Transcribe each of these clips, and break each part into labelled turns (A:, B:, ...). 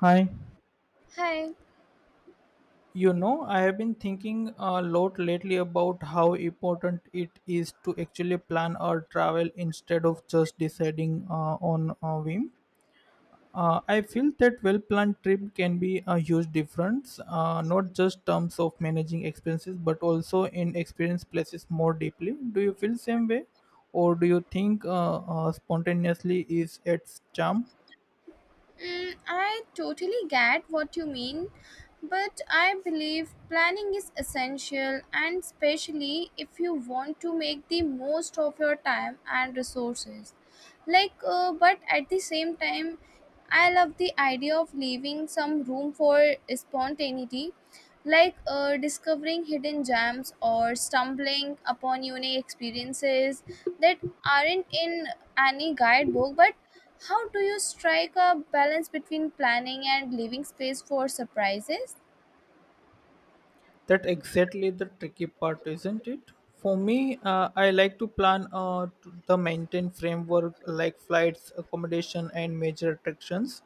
A: Hi.
B: Hi.
A: You know, I have been thinking a lot lately about how important it is to actually plan our travel instead of just deciding on a whim. I feel that well planned trip can be a huge difference, not just terms of managing expenses, but also in experience places more deeply. Do you feel same way, or do you think spontaneously is its charm?
B: Mm, I totally get what you mean, but I believe planning is essential, and especially if you want to make the most of your time and resources. But at the same time I love the idea of leaving some room for spontaneity, like discovering hidden gems or stumbling upon unique experiences that aren't in any guidebook. But how do you strike a balance between planning and leaving space for surprises?
A: That exactly the tricky part, isn't it? For me, I like to plan the maintain framework like flights, accommodation, and major attractions,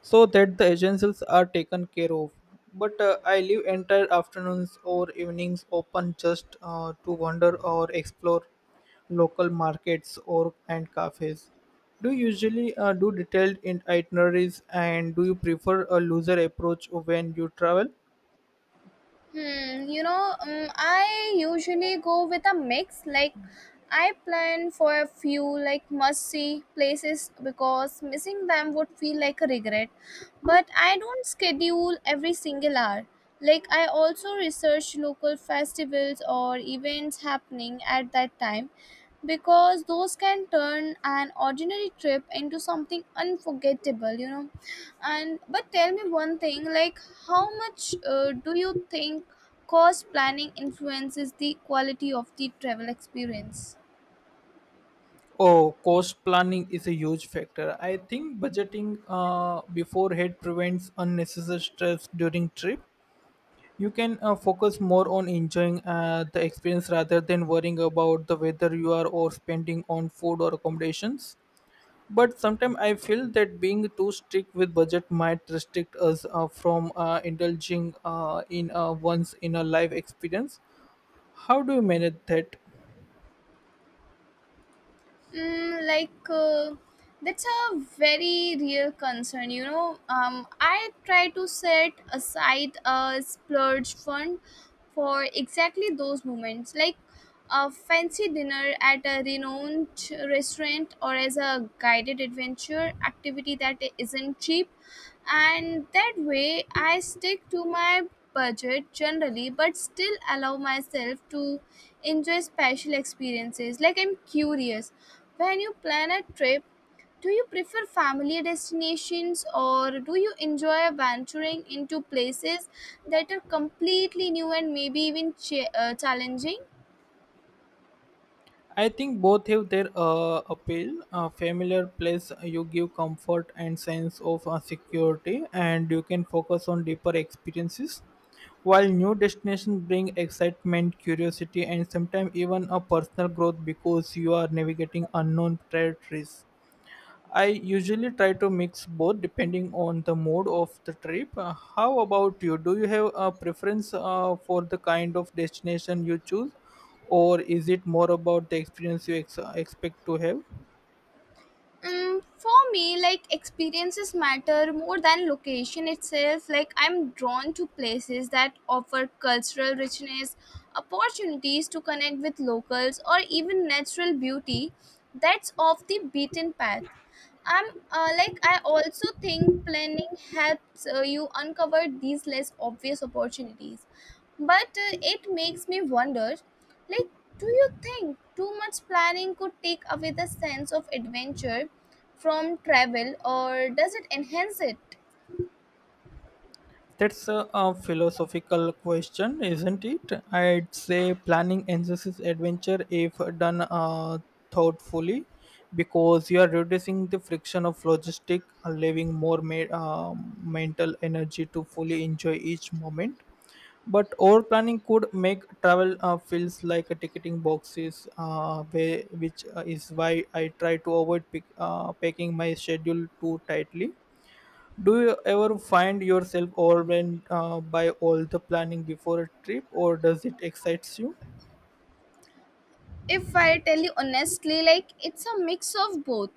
A: so that the agencies are taken care of. But I leave entire afternoons or evenings open just to wander or explore local markets or and cafes. Do you usually do detailed itineraries, and do you prefer a looser approach when you travel?
B: I usually go with a mix. Like, I plan for a few like must-see places, because missing them would feel like a regret. But I don't schedule every single hour. Like, I also research local festivals or events happening at that time, because those can turn an ordinary trip into something unforgettable. And But tell me one thing, like how much do you think cost planning influences the quality of the travel experience?
A: Oh, cost planning is a huge factor. I think budgeting beforehand prevents unnecessary stress during trip. You can focus more on enjoying the experience rather than worrying about the weather you are or spending on food or accommodations. But sometimes I feel that being too strict with budget might restrict us from indulging in a once in a life experience. How do you manage that?
B: mm, like uh, that's a very real concern. I try to set aside a splurge fund for exactly those moments, like a fancy dinner at a renowned restaurant or as a guided adventure activity that isn't cheap. And that way I stick to my budget generally, but still allow myself to enjoy special experiences. Like, I'm curious, when you plan a trip, do you prefer family destinations, or do you enjoy venturing into places that are completely new and maybe even challenging?
A: I think both have their appeal. A familiar place you give comfort and sense of security, and you can focus on deeper experiences. While new destinations bring excitement, curiosity, and sometimes even a personal growth because you are navigating unknown territories. I usually try to mix both depending on the mode of the trip. How about you? Do you have a preference for the kind of destination you choose, or is it more about the experience you expect to have?
B: Mm, for me, like experiences matter more than location itself. Like, I'm drawn to places that offer cultural richness, opportunities to connect with locals, or even natural beauty that's off the beaten path. I'm like I also think planning helps you uncover these less obvious opportunities. But it makes me wonder, like, do you think too much planning could take away the sense of adventure from travel, or does it enhance it?
A: That's a philosophical question, isn't it? I'd say planning enhances adventure if done thoughtfully, because you are reducing the friction of logistic, leaving more mental energy to fully enjoy each moment. But over planning could make travel feels like a ticketing boxes way, which is why I try to avoid packing my schedule too tightly. Do you ever find yourself overwhelmed by all the planning before a trip, or does it excites you?
B: If I tell you honestly, like, it's a mix of both.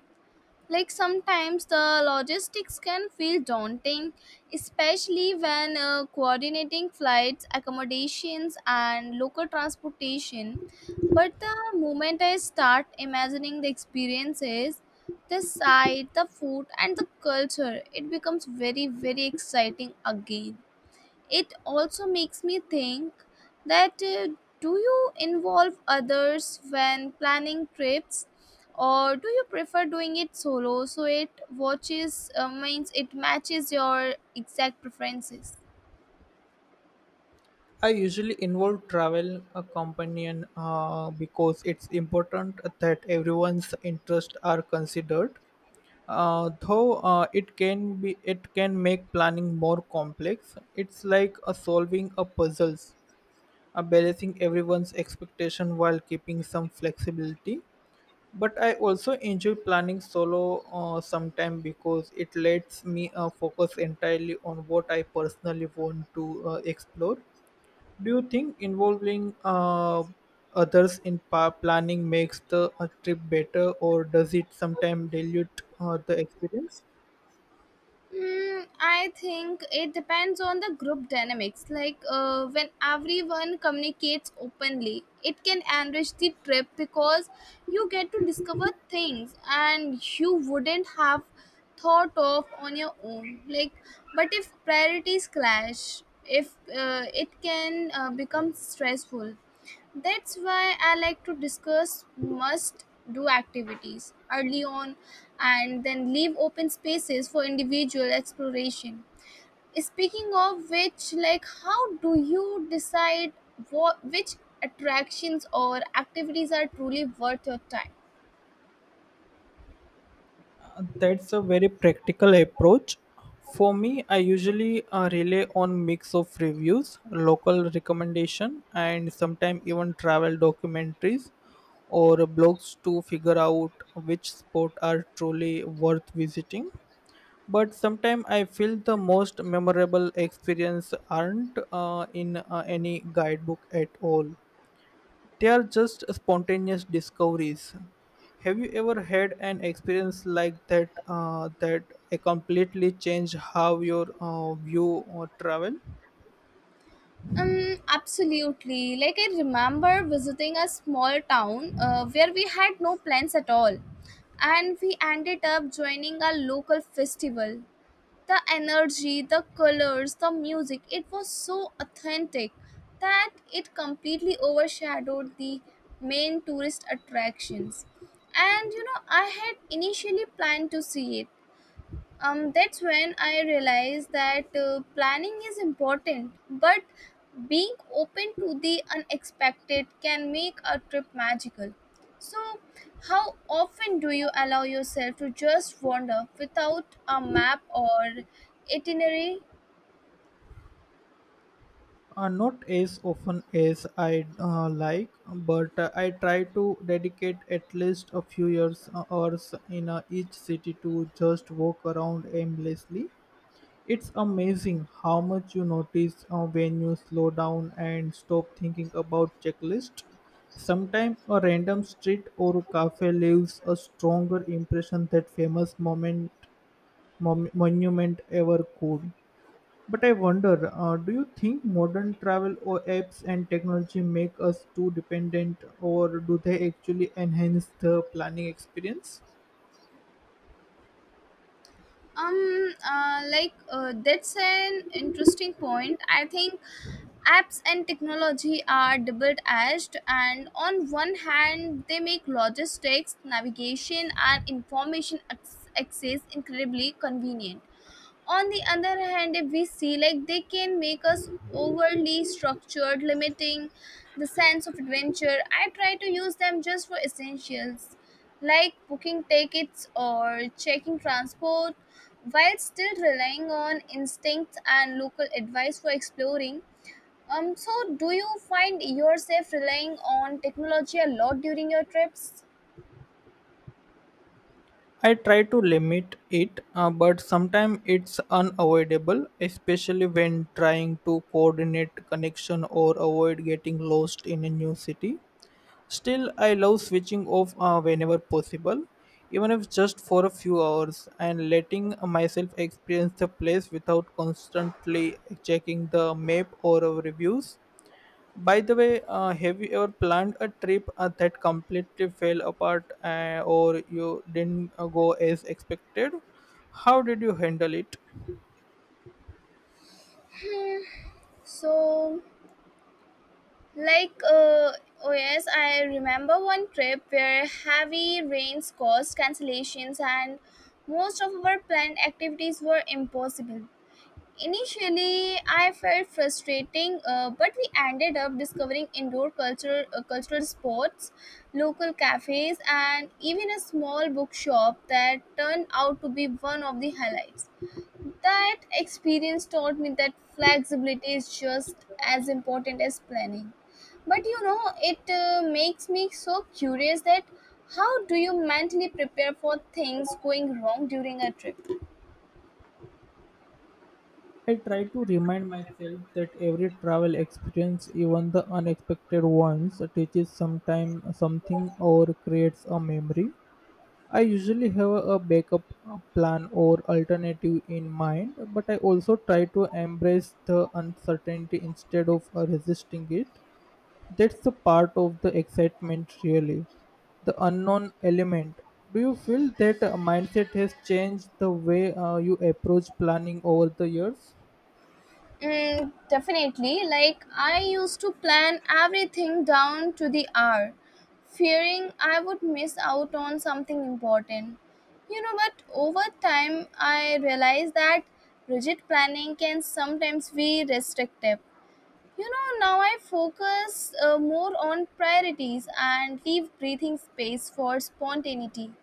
B: Like, sometimes the logistics can feel daunting, especially when coordinating flights, accommodations, and local transportation. But the moment I start imagining the experiences, the sight, the food, and the culture, it becomes very very exciting again. It also makes me think that do you involve others when planning trips, or do you prefer doing it solo so it watches means it matches your exact preferences?
A: I usually involve travel a companion because it's important that everyone's interests are considered, though it can make planning more complex. It's like a solving a puzzles, a balancing everyone's expectation while keeping some flexibility. But I also enjoy planning solo sometime because it lets me focus entirely on what I personally want to explore. Do you think involving others in planning makes the trip better, or does it sometimes dilute the experience?
B: Mm, I think it depends on the group dynamics. Like when everyone communicates openly, it can enrich the trip, because you get to discover things and you wouldn't have thought of on your own. Like, but if priorities clash, if it can become stressful. That's why I like to discuss must do activities early on, and then leave open spaces for individual exploration. Speaking of which, like, how do you decide which attractions or activities are truly worth your time?
A: That's a very practical approach. For me, I usually rely on mix of reviews, local recommendation, and sometimes even travel documentaries or blogs to figure out which spot are truly worth visiting. But sometimes I feel the most memorable experience aren't in any guidebook at all. They are just spontaneous discoveries. Have you ever had an experience like that completely changed how your view or travel?
B: Absolutely. Like, I remember visiting a small town where we had no plans at all, and we ended up joining a local festival. The energy, the colors, the music, it was so authentic that it completely overshadowed the main tourist attractions. And you know, I had initially planned to see it. Um, that's when I realized that planning is important, but being open to the unexpected can make a trip magical. So, how often do you allow yourself to just wander without a map or itinerary?
A: Not as often as I like, but I try to dedicate at least a few years hours in each city to just walk around aimlessly. It's amazing how much you notice when you slow down and stop thinking about checklist. Sometimes a random street or cafe leaves a stronger impression than famous monument ever could. But I wonder, do you think modern travel or apps and technology make us too dependent, or do they actually enhance the planning experience?
B: That's an interesting point. I think apps and technology are double-edged. And on one hand, they make logistics, navigation, and information access incredibly convenient. On the other hand, if we see, like, they can make us overly structured, limiting the sense of adventure. I try to use them just for essentials, like booking tickets or checking transport, while still relying on instincts and local advice for exploring. Um, so do you find yourself relying on technology a lot during your trips?
A: I try to limit it, but sometimes it's unavoidable, especially when trying to coordinate connection or avoid getting lost in a new city. Still, I love switching off whenever possible, even if just for a few hours, and letting myself experience the place without constantly checking the map or reviews. By the way, have you ever planned a trip that completely fell apart or you didn't go as expected? How did you handle it?
B: So, Like, uh, oh yes, I remember one trip where heavy rains caused cancellations and most of our planned activities were impossible. Initially, I felt frustrating, but we ended up discovering indoor cultural sports, local cafes, and even a small bookshop that turned out to be one of the highlights. That experience taught me that flexibility is just as important as planning. But you know, it makes me so curious that how do you mentally prepare for things going wrong during a trip?
A: I try to remind myself that every travel experience, even the unexpected ones, teaches sometime something or creates a memory. I usually have a backup plan or alternative in mind, but I also try to embrace the uncertainty instead of resisting it. That's the part of the excitement, really, the unknown element. Do you feel that mindset has changed the way you approach planning over the years?
B: Mm, definitely. Like, I used to plan everything down to the hour, fearing I would miss out on something important. You know, but over time, I realized that rigid planning can sometimes be restrictive. You know, now I focus more on priorities and leave breathing space for spontaneity,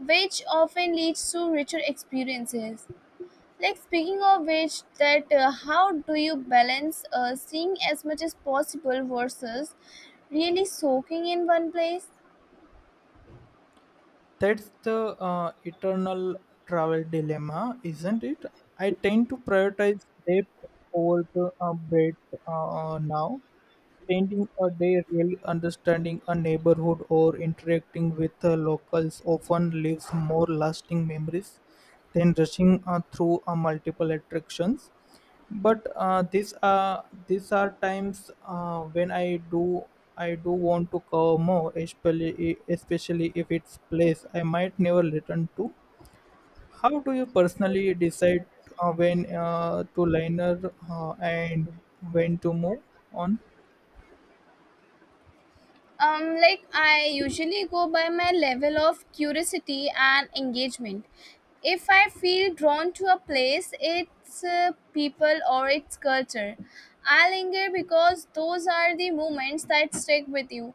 B: which often leads to richer experiences. Like, speaking of which, that how do you balance seeing as much as possible versus really soaking in one place?
A: That's the eternal travel dilemma, isn't it? I tend to prioritize depth over the breadth now. Spending a day really understanding a neighborhood or interacting with the locals often leaves more lasting memories than rushing through multiple attractions. But these are times when I do want to cover more, especially if it's place I might never return to. How do you personally decide when to liner and when to move on?
B: Um, like, I usually go by my level of curiosity and engagement. If I feel drawn to a place, its people, or its culture, I linger, because those are the moments that stick with you.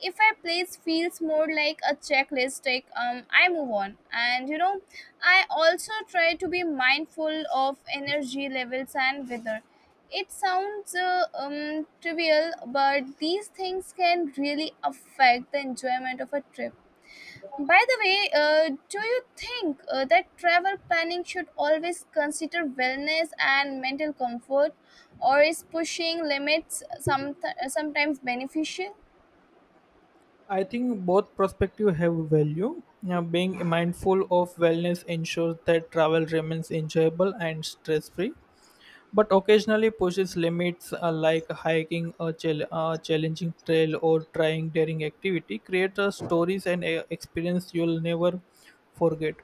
B: If I place feels more like a checklist, like, I move on. And you know, I also try to be mindful of energy levels and weather. It sounds trivial, but these things can really affect the enjoyment of a trip. By the way, do you think that travel planning should always consider wellness and mental comfort, or is pushing limits sometimes beneficial?
A: I think both perspectives have value. Now, being mindful of wellness ensures that travel remains enjoyable and stress free, but occasionally pushes limits like hiking a challenging trail or trying daring activity create stories and experience you'll never forget.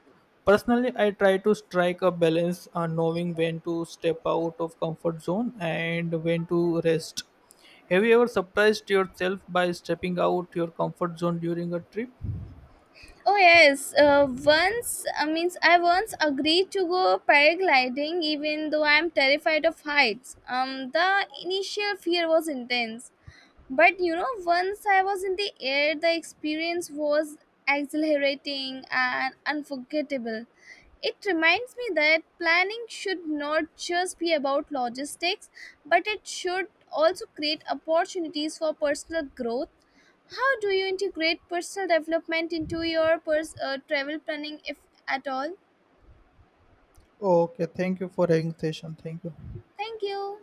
A: Personally, I try to strike a balance, knowing when to step out of comfort zone and when to rest. Have you ever surprised yourself by stepping out your comfort zone during a trip?
B: Oh yes, once I means I once agreed to go paragliding even though I'm terrified of heights. The initial fear was intense, but you know, once I was in the air, the experience was exhilarating and unforgettable. It reminds me that planning should not just be about logistics, but it should also create opportunities for personal growth. How do you integrate personal development into your travel planning, if at all?
A: Okay, thank you for having session. Thank you.
B: Thank you.